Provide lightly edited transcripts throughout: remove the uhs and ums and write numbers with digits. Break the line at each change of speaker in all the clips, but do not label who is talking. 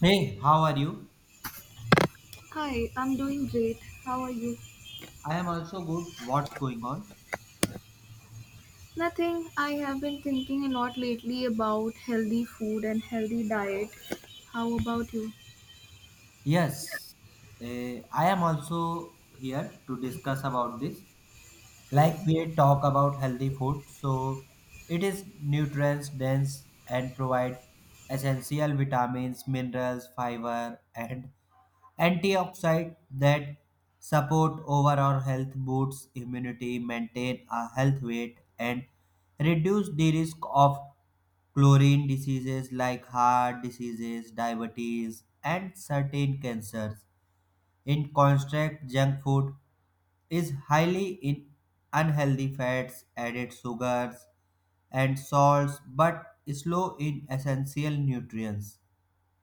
Hey, how are you?
Hi, I'm doing great. How are you?
I am also good. What's going on?
Nothing. I have been thinking a lot lately about healthy food and healthy diet. How about you?
Yes, I am also here to discuss about this. Like we talk about healthy food, so it is nutrients dense and provide essential vitamins, minerals, fiber, and antioxidants that support overall health, boost immunity, maintain a health weight, and reduce the risk of chlorine diseases like heart diseases, diabetes, and certain cancers. In contrast, junk food is highly in unhealthy fats, added sugars, and salts, but is low in essential nutrients.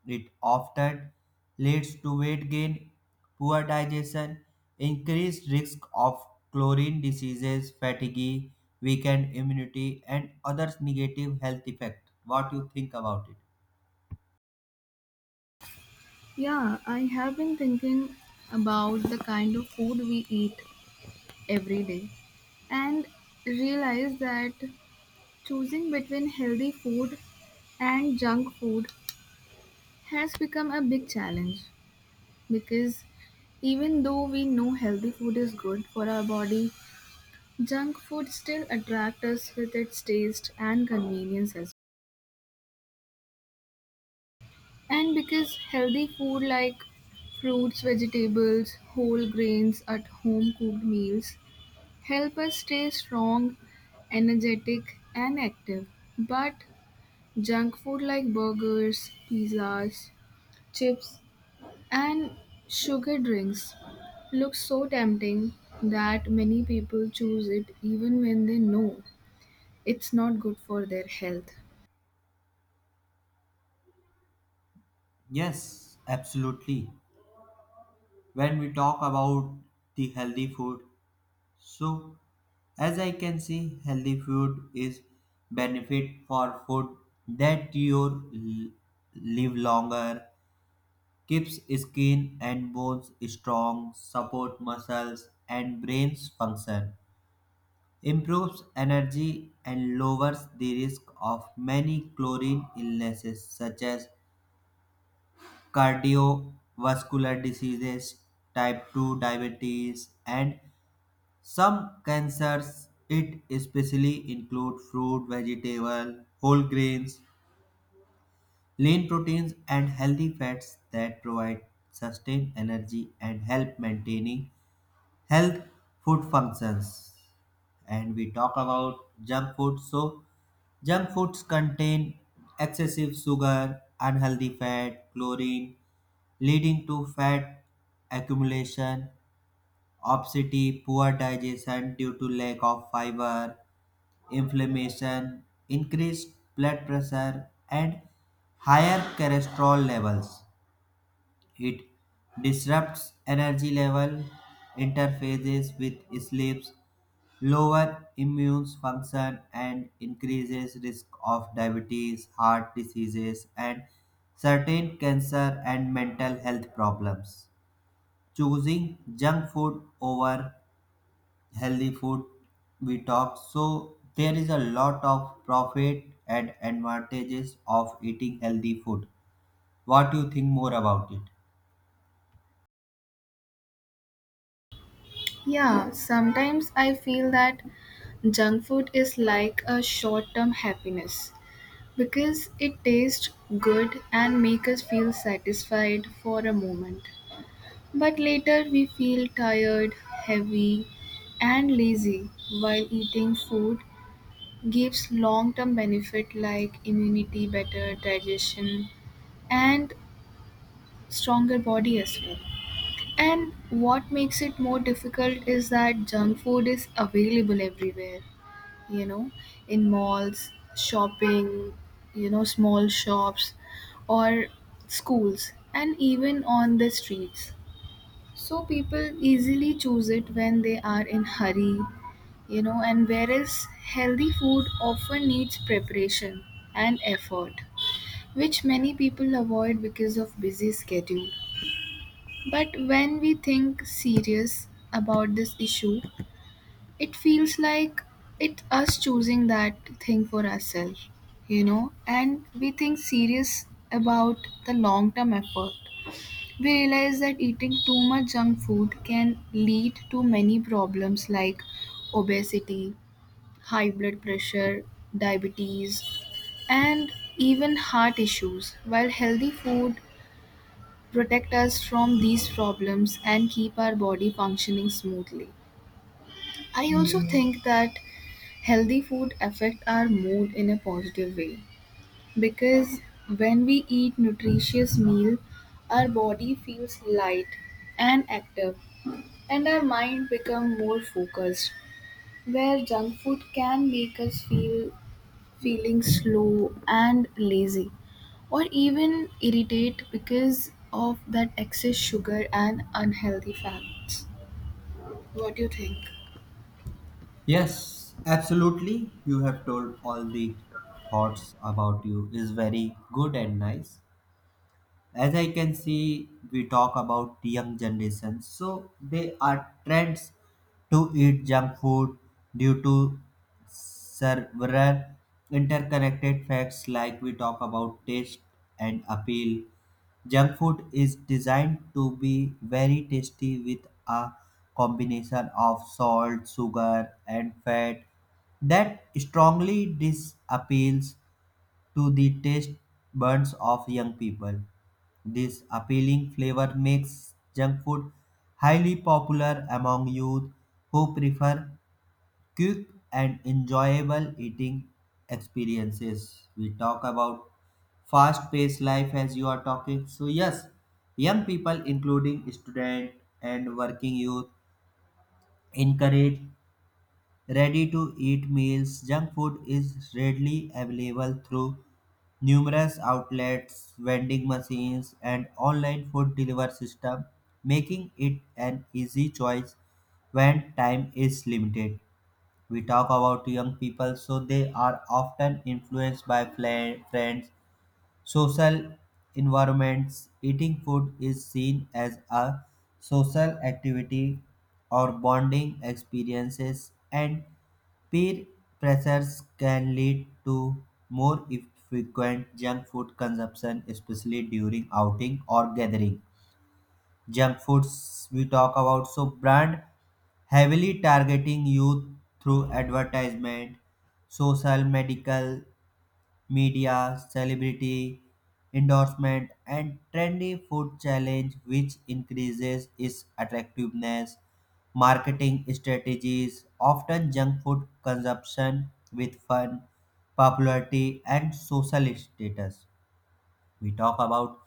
It often leads to weight gain, poor digestion, increased risk of chlorine diseases, fatigue, weakened immunity, and other negative health effects. What you think about it?
Yeah, I have been thinking about the kind of food we eat every day and realize that choosing between healthy food and junk food has become a big challenge because even though we know healthy food is good for our body, junk food still attracts us with its taste and convenience as well. And because healthy food like fruits, vegetables, whole grains at home cooked meals help us stay strong, energetic, and active. But junk food like burgers, pizzas, chips, and sugar drinks looks so tempting that many people choose it even when they know it's not good for their health.
Yes, absolutely. When we talk about the healthy food, so as I can see, healthy food is benefit for food that you live longer, keeps skin and bones strong, support muscles and brain's function, improves energy and lowers the risk of many chlorine illnesses such as cardiovascular diseases, type 2 diabetes and some cancers. It especially include fruit, vegetable, whole grains, lean proteins and healthy fats that provide sustained energy and help maintaining health food functions. And we talk about junk food, so junk foods contain excessive sugar, unhealthy fat, chlorine, leading to fat accumulation, obesity, poor digestion due to lack of fiber, inflammation, increased blood pressure and higher cholesterol levels. It disrupts energy level, interferes with sleeps, lower immune function and increases risk of diabetes, heart diseases and certain cancer and mental health problems. Choosing junk food over healthy food, we talk, so there is a lot of profit and advantages of eating healthy food. What do you think more about it?
Yeah, sometimes I feel that junk food is like a short term happiness because it tastes good and makes us feel satisfied for a moment. But later we feel tired, heavy, and lazy, while eating food gives long term benefit like immunity, better digestion, and stronger body as well. And what makes it more difficult is that junk food is available everywhere you know, in malls, shopping, small shops or schools, and even on the streets. So people easily choose it when they are in hurry, and whereas healthy food often needs preparation and effort, which many people avoid because of busy schedule. But when we think serious about this issue, it feels like it us choosing that thing for ourselves, and we think serious about the long term effort, we realize that eating too much junk food can lead to many problems like obesity, high blood pressure, diabetes, and even heart issues, while healthy food protect us from these problems and keep our body functioning smoothly. I also think that healthy food affect our mood in a positive way, because when we eat nutritious meal, our body feels light and active, and our mind become more focused, where junk food can make us feel feeling slow and lazy or even irritate because of that excess sugar and unhealthy fats. What do you think?
Yes, absolutely. You have told all the thoughts about you is very good and nice. As I can see, we talk about young generation, so they are trends to eat junk food due to several interconnected facts. Like we talk about taste and appeal, junk food is designed to be very tasty with a combination of salt, sugar and fat that strongly disappeals to the taste buds of young people. This appealing flavor makes junk food highly popular among youth who prefer quick and enjoyable eating experiences. We talk about fast paced life as you are talking. So, yes, young people, including student and working youth, encourage ready to eat meals. Junk food is readily available through numerous outlets, vending machines, and online food delivery system, making it an easy choice when time is limited. We talk about young people, so they are often influenced by friends, social environments. Eating food is seen as a social activity or bonding experiences, and peer pressures can lead to more frequent junk food consumption, especially during outing or gathering. Junk foods, we talk about, so brand heavily targeting youth through advertisement, social, medical, media, celebrity endorsement, and trendy food challenge, which increases its attractiveness. Marketing strategies often junk food consumption with fun, popularity, and social status. We talk about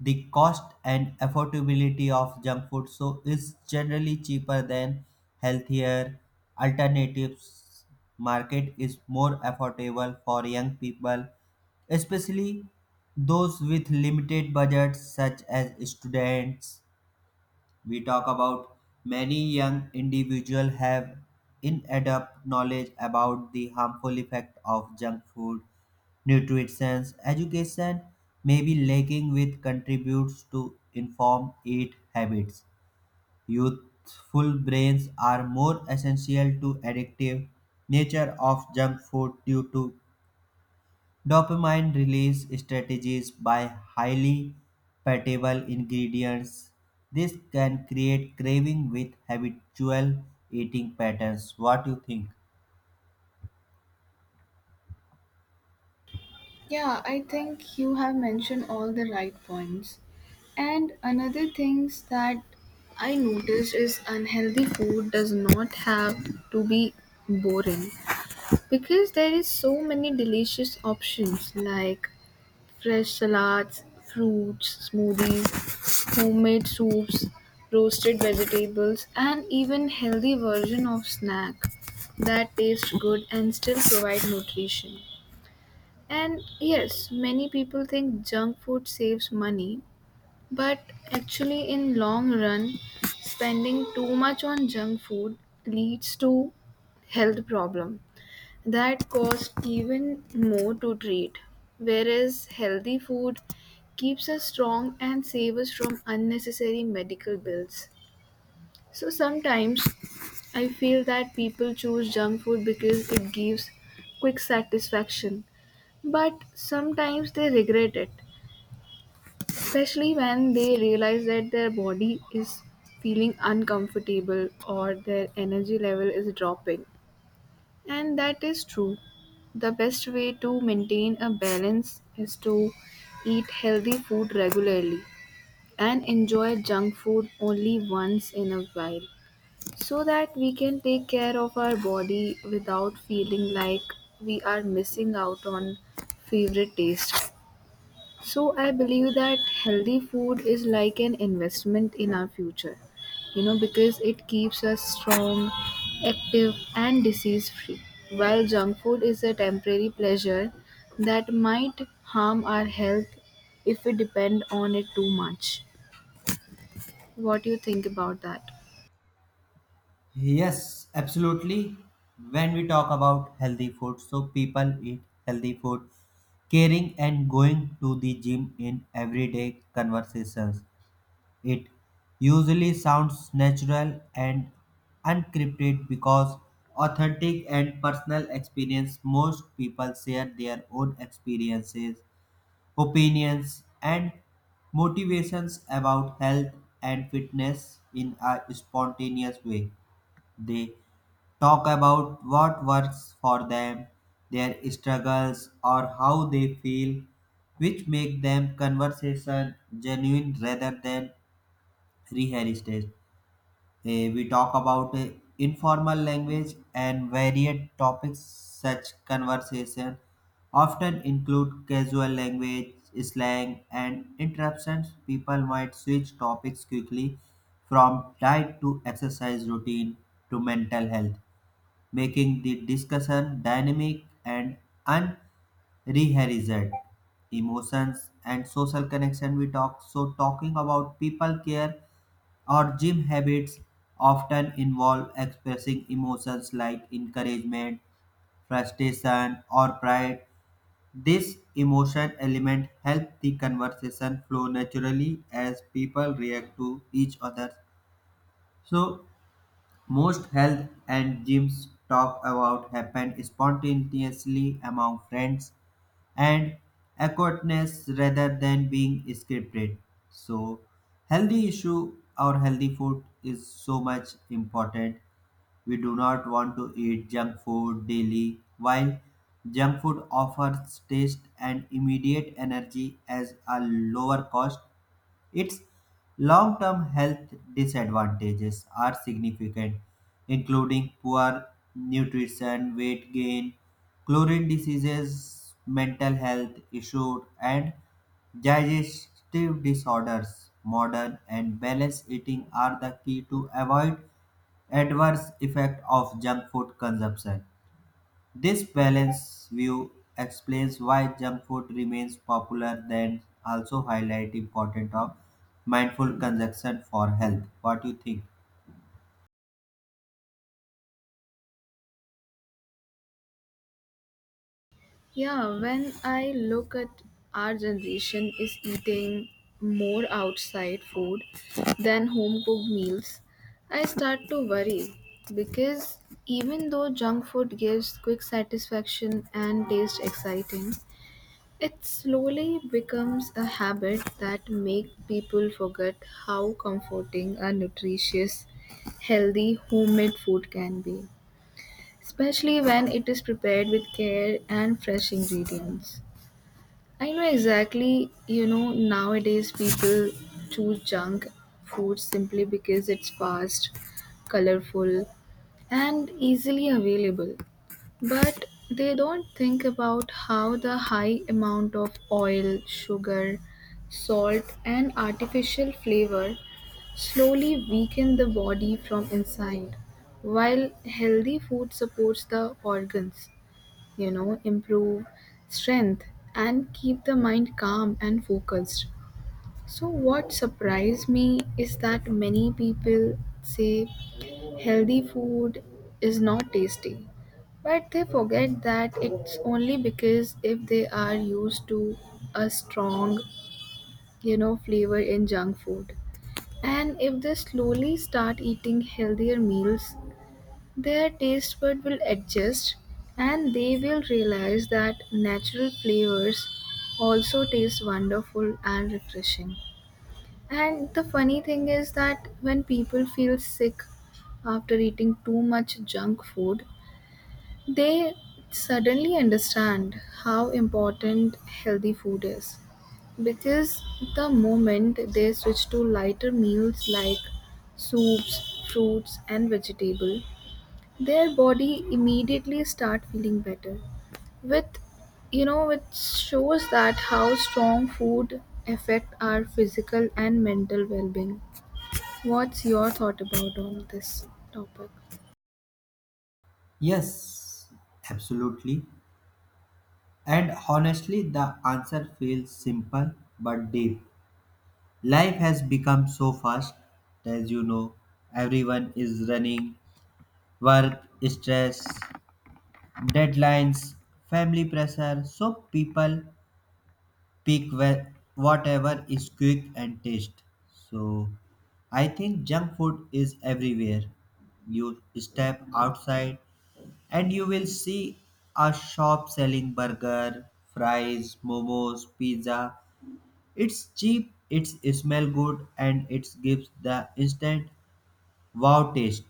the cost and affordability of junk food, so it's generally cheaper than healthier alternatives. Market is more affordable for young people, especially those with limited budgets, such as students. We talk about many young individuals have inadequate knowledge about the harmful effect of junk food, nutrition, education may be lacking which contributes to inform eat habits. Youthful brains are more essential to addictive nature of junk food due to dopamine release strategies by highly palatable ingredients. This can create craving with habitual eating patterns. What do you think?
Yeah, I think you have mentioned all the right points. And another things that I noticed is unhealthy food does not have to be boring, because there is so many delicious options like fresh salads, fruits, smoothies, homemade soups, roasted vegetables, and even healthy version of snack that taste good and still provide nutrition. And yes, many people think junk food saves money, but actually in long run, spending too much on junk food leads to health problem that cost even more to treat. Whereas healthy food keeps us strong and saves us from unnecessary medical bills. So sometimes I feel that people choose junk food because it gives quick satisfaction, but sometimes they regret it, especially when they realize that their body is feeling uncomfortable or their energy level is dropping. And that is true. The best way to maintain a balance is to eat healthy food regularly and enjoy junk food only once in a while, so that we can take care of our body without feeling like we are missing out on favorite taste. So I believe that healthy food is like an investment in our future, because it keeps us strong, active, and disease free. While junk food is a temporary pleasure that might harm our health if we depend on it too much. What do you think about that?
Yes, absolutely. When we talk about healthy food, so people eat healthy food, caring and going to the gym in everyday conversations. It usually sounds natural and unscripted because authentic and personal experience, most people share their own experiences, opinions and motivations about health and fitness in a spontaneous way. They talk about what works for them, their struggles, or how they feel, which make them conversation genuine rather than re-heritage. We talk about informal language and varied topics. Such conversation often include casual language, slang, and interruptions. People might switch topics quickly from diet to exercise routine to mental health, making the discussion dynamic and unrehearsed. Emotions and social connection, we talk. So talking about people care our gym habits often involve expressing emotions like encouragement, frustration, or pride. This emotion element helps the conversation flow naturally as people react to each other. So, most health and gyms talk about happen spontaneously among friends and awkwardness rather than being scripted. So, healthy issue or healthy food is so much important. We do not want to eat junk food daily, while junk food offers taste and immediate energy as a lower cost. Its long term health disadvantages are significant, including poor nutrition, weight gain, chlorine diseases, mental health issues, and digestive disorders. Modern and balanced eating are the key to avoid adverse effect of junk food consumption. This balanced view explains why junk food remains popular then also highlight importance of mindful consumption for health. What do you think?
Yeah, when I look at our generation is eating more outside food than home cooked meals, I start to worry because even though junk food gives quick satisfaction and tastes exciting, it slowly becomes a habit that make people forget how comforting a nutritious, healthy homemade food can be, especially when it is prepared with care and fresh ingredients. I know exactly, nowadays people choose junk food simply because it's fast, colorful, and easily available. But they don't think about how the high amount of oil, sugar, salt, and artificial flavor slowly weaken the body from inside, while healthy food supports the organs, improve strength and keep the mind calm and focused. So, what surprised me is that many people say healthy food is not tasty, but they forget that it's only because if they are used to a strong, flavor in junk food. And if they slowly start eating healthier meals, their taste bud will adjust and they will realize that natural flavors also taste wonderful and refreshing. And the funny thing is that when people feel sick after eating too much junk food, they suddenly understand how important healthy food is. Because the moment they switch to lighter meals like soups, fruits, and vegetable, their body immediately start feeling better with it shows that how strong food affect our physical and mental well-being. What's your thought about on this topic?
Yes, absolutely. And honestly, the answer feels simple but deep. Life has become so fast, as you know, everyone is running, work, stress, deadlines, family pressure, so people pick whatever is quick and taste. So I think junk food is everywhere. You step outside and you will see a shop selling burger, fries, momos, pizza. It's cheap, it's smell good and it gives the instant wow taste.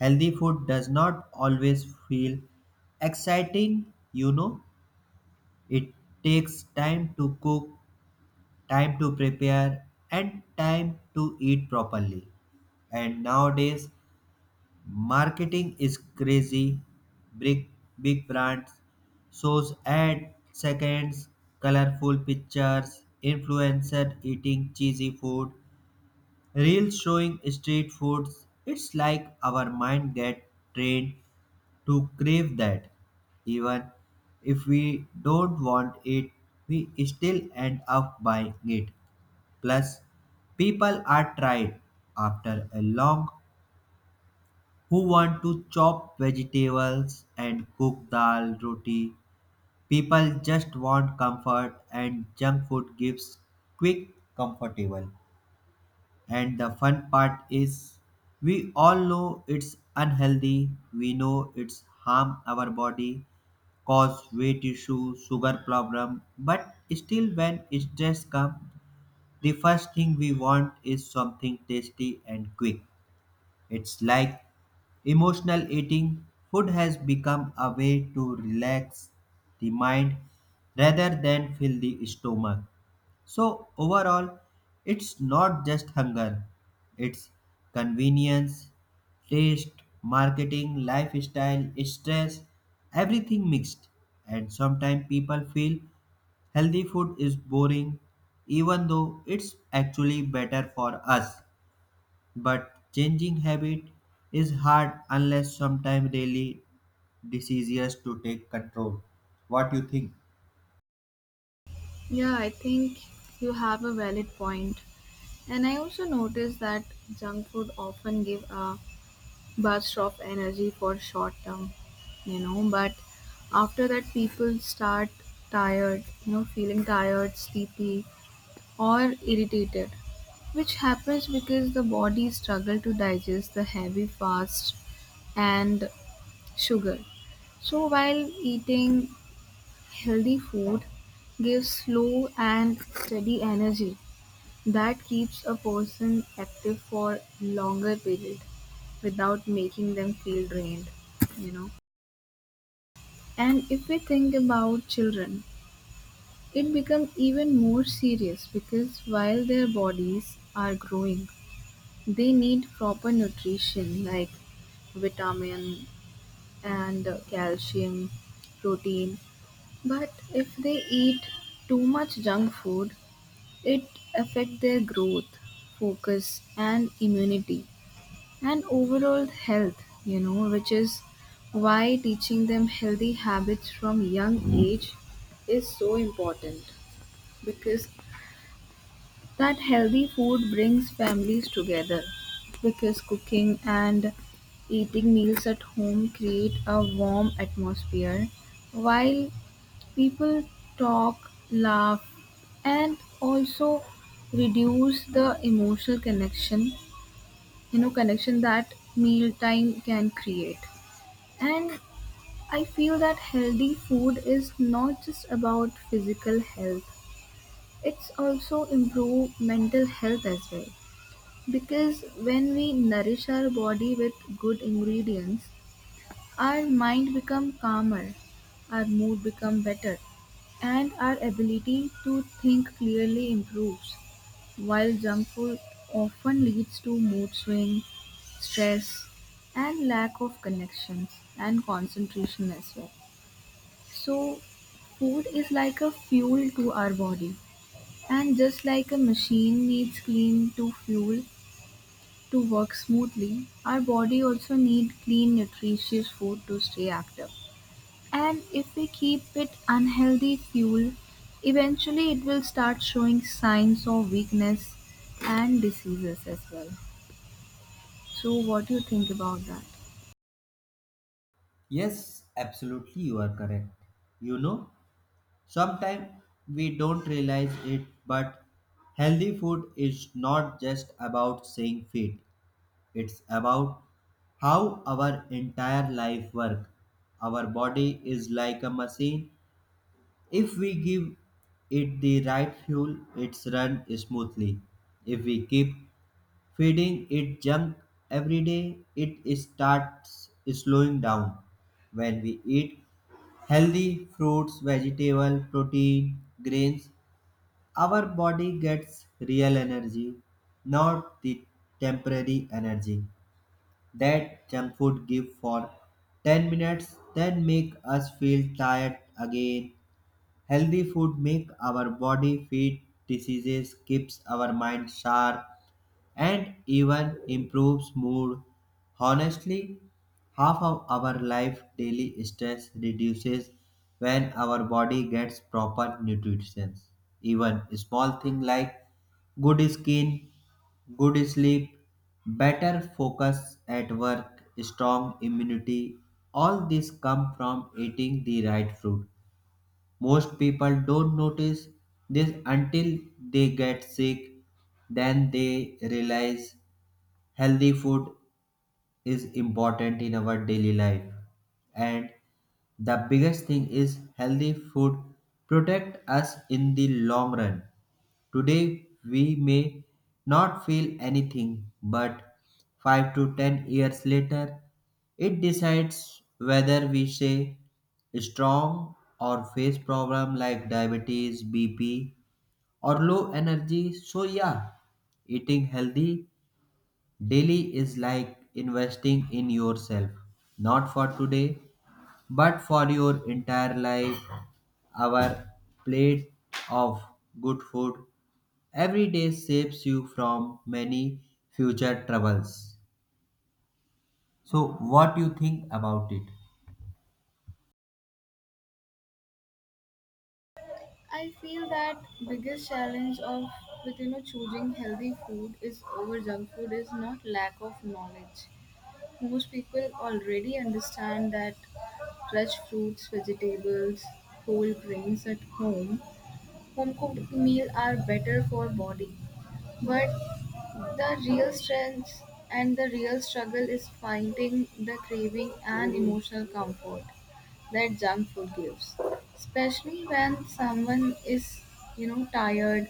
Healthy food does not always feel exciting, you know. It takes time to cook, time to prepare and time to eat properly. And nowadays marketing is crazy. Big big brands shows ad seconds, colorful pictures, influencer eating cheesy food, reels showing street foods. It's like our mind get trained to crave that even if we don't want it, we still end up buying it. Plus, people are tired after a long, who want to chop vegetables and cook dal roti. People just want comfort and junk food gives quick, comfortable. And the fun part is, we all know it's unhealthy. We know it's harm our body, cause weight issue, sugar problem, but still when stress comes, the first thing we want is something tasty and quick. It's like emotional eating. Food has become a way to relax the mind rather than fill the stomach. So, overall, it's not just hunger, it's convenience, taste, marketing, lifestyle, stress, everything mixed. And sometimes people feel healthy food is boring, even though it's actually better for us. But changing habit is hard unless sometimes daily diseases to take control. What you think?
Yeah, I think you have a valid point. And I also noticed that junk food often give a burst of energy for short term, but after that people start feeling tired, sleepy or irritated, which happens because the body struggles to digest the heavy fats and sugar. So while eating healthy food gives slow and steady energy that keeps a person active for longer period without making them feel drained, you know. And if we think about children, it becomes even more serious because while their bodies are growing, they need proper nutrition like vitamin and calcium, protein. But if they eat too much junk food, it affect their growth, focus and immunity and overall health, which is why teaching them healthy habits from young age is so important, because that healthy food brings families together because cooking and eating meals at home create a warm atmosphere while people talk, laugh, and also reduce the emotional connection, connection that mealtime can create. And I feel that healthy food is not just about physical health, it's also improve mental health as well, because when we nourish our body with good ingredients, our mind becomes calmer, our mood becomes better, and our ability to think clearly improves. While junk food often leads to mood swings, stress, and lack of connections and concentration as well. So, food is like a fuel to our body, and just like a machine needs clean to fuel, to work smoothly, our body also need clean nutritious food to stay active. And if we keep it unhealthy fuel, eventually it will start showing signs of weakness and diseases as well. So what do you think about that?
Yes, absolutely, you are correct. You know, sometimes we don't realize it, but healthy food is not just about staying fit. It's about how our entire life work. Our body is like a machine. If we give it the right fuel, it's run smoothly. If we keep feeding it junk every day, it starts slowing down. When we eat healthy fruits, vegetable, protein, grains, our body gets real energy, not the temporary energy that junk food give for 10 minutes then make us feel tired again. Healthy food makes our body fit, diseases keeps our mind sharp and even improves mood. Honestly, half of our life daily stress reduces when our body gets proper nutrition. Even small things like good skin, good sleep, better focus at work, strong immunity, all this come from eating the right fruit. Most people don't notice this until they get sick, then they realize healthy food is important in our daily life. And the biggest thing is healthy food protect us in the long run. Today we may not feel anything, but 5 to 10 years later, it decides whether we say strong or face problem like diabetes, BP, or low energy. So, yeah, eating healthy daily is like investing in yourself, not for today, but for your entire life. Our plate of good food every day saves you from many future troubles. So, what you think about it?
I feel that biggest challenge of with choosing healthy food is over junk food is not lack of knowledge. Most people already understand that fresh fruits, vegetables, whole grains at home. Home cooked meals are better for body. But the real strength and the real struggle is finding the craving and emotional comfort that junk food gives. Especially when someone is, tired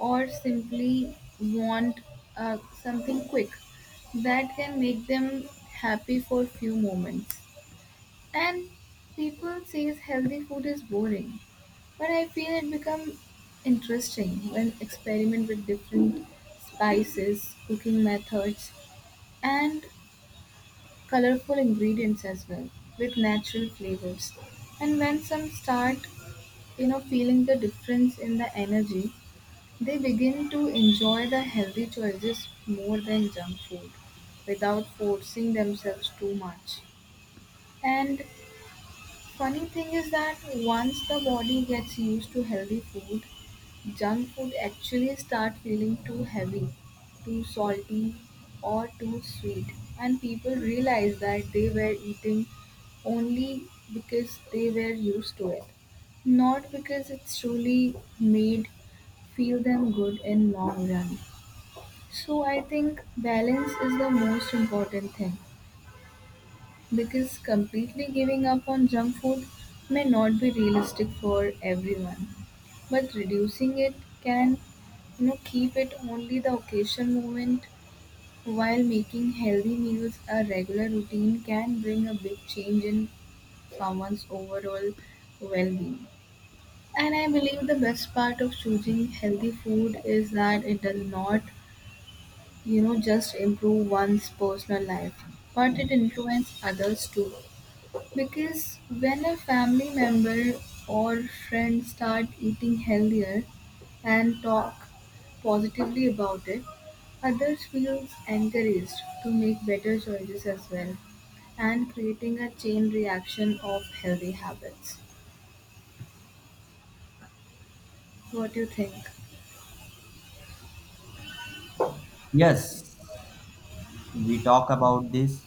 or simply want something quick that can make them happy for few moments, and people says healthy food is boring, but I feel it become interesting when experiment with different spices, cooking methods, and colorful ingredients as well with natural flavors. And when some start, feeling the difference in the energy, they begin to enjoy the healthy choices more than junk food without forcing themselves too much. And funny thing is that once the body gets used to healthy food, junk food actually start feeling too heavy, too salty or too sweet, and people realize that they were eating only because they were used to it, not because it's truly made feel them good in long run. So I think balance is the most important thing, because completely giving up on junk food may not be realistic for everyone, but reducing it can keep it only the occasion moment, while making healthy meals a regular routine can bring a big change in someone's overall well-being. And I believe the best part of choosing healthy food is that it does not just improve one's personal life, but it influences others too, because when a family member or friend start eating healthier and talk positively about it, others feels encouraged to make better choices as well, and creating a chain reaction of healthy habits. What do you think?
Yes, we talk about this.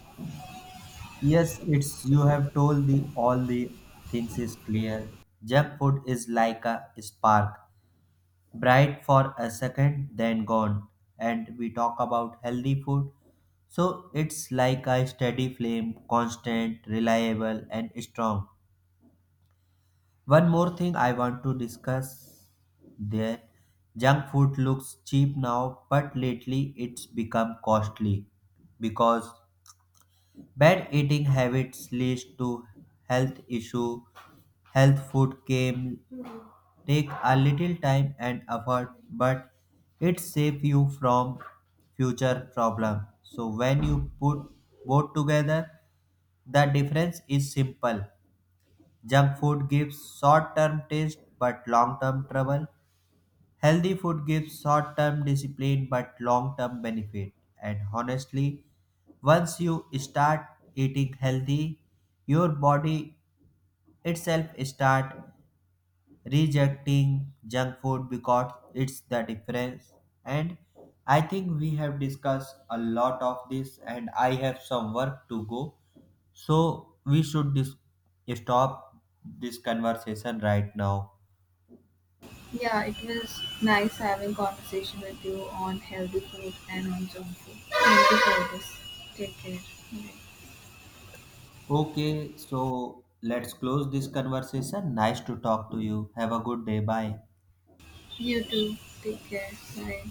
Yes, it's you have told the all the things is clear. Junk food is like a spark bright for a second, then gone. And we talk about healthy food. So it's like a steady flame, constant, reliable, and strong. One more thing I want to discuss there. Junk food looks cheap now, but lately it's become costly because bad eating habits leads to health issue. Health food came, take a little time and effort, but it saves you from future problem. So when you put both together, the difference is simple. Junk food gives short term taste but long term trouble. Healthy food gives short term discipline but long term benefit. And honestly, once you start eating healthy, your body itself start rejecting junk food because it's the difference. And I think we have discussed a lot of this and I have some work to go, so we should stop this conversation right now.
Yeah, it was nice having conversation with you on healthy food and on junk food. Thank you for this. Take care. Bye.
Okay, so let's close this conversation. Nice to talk to you. Have a good day. Bye.
You too. Take care. Bye.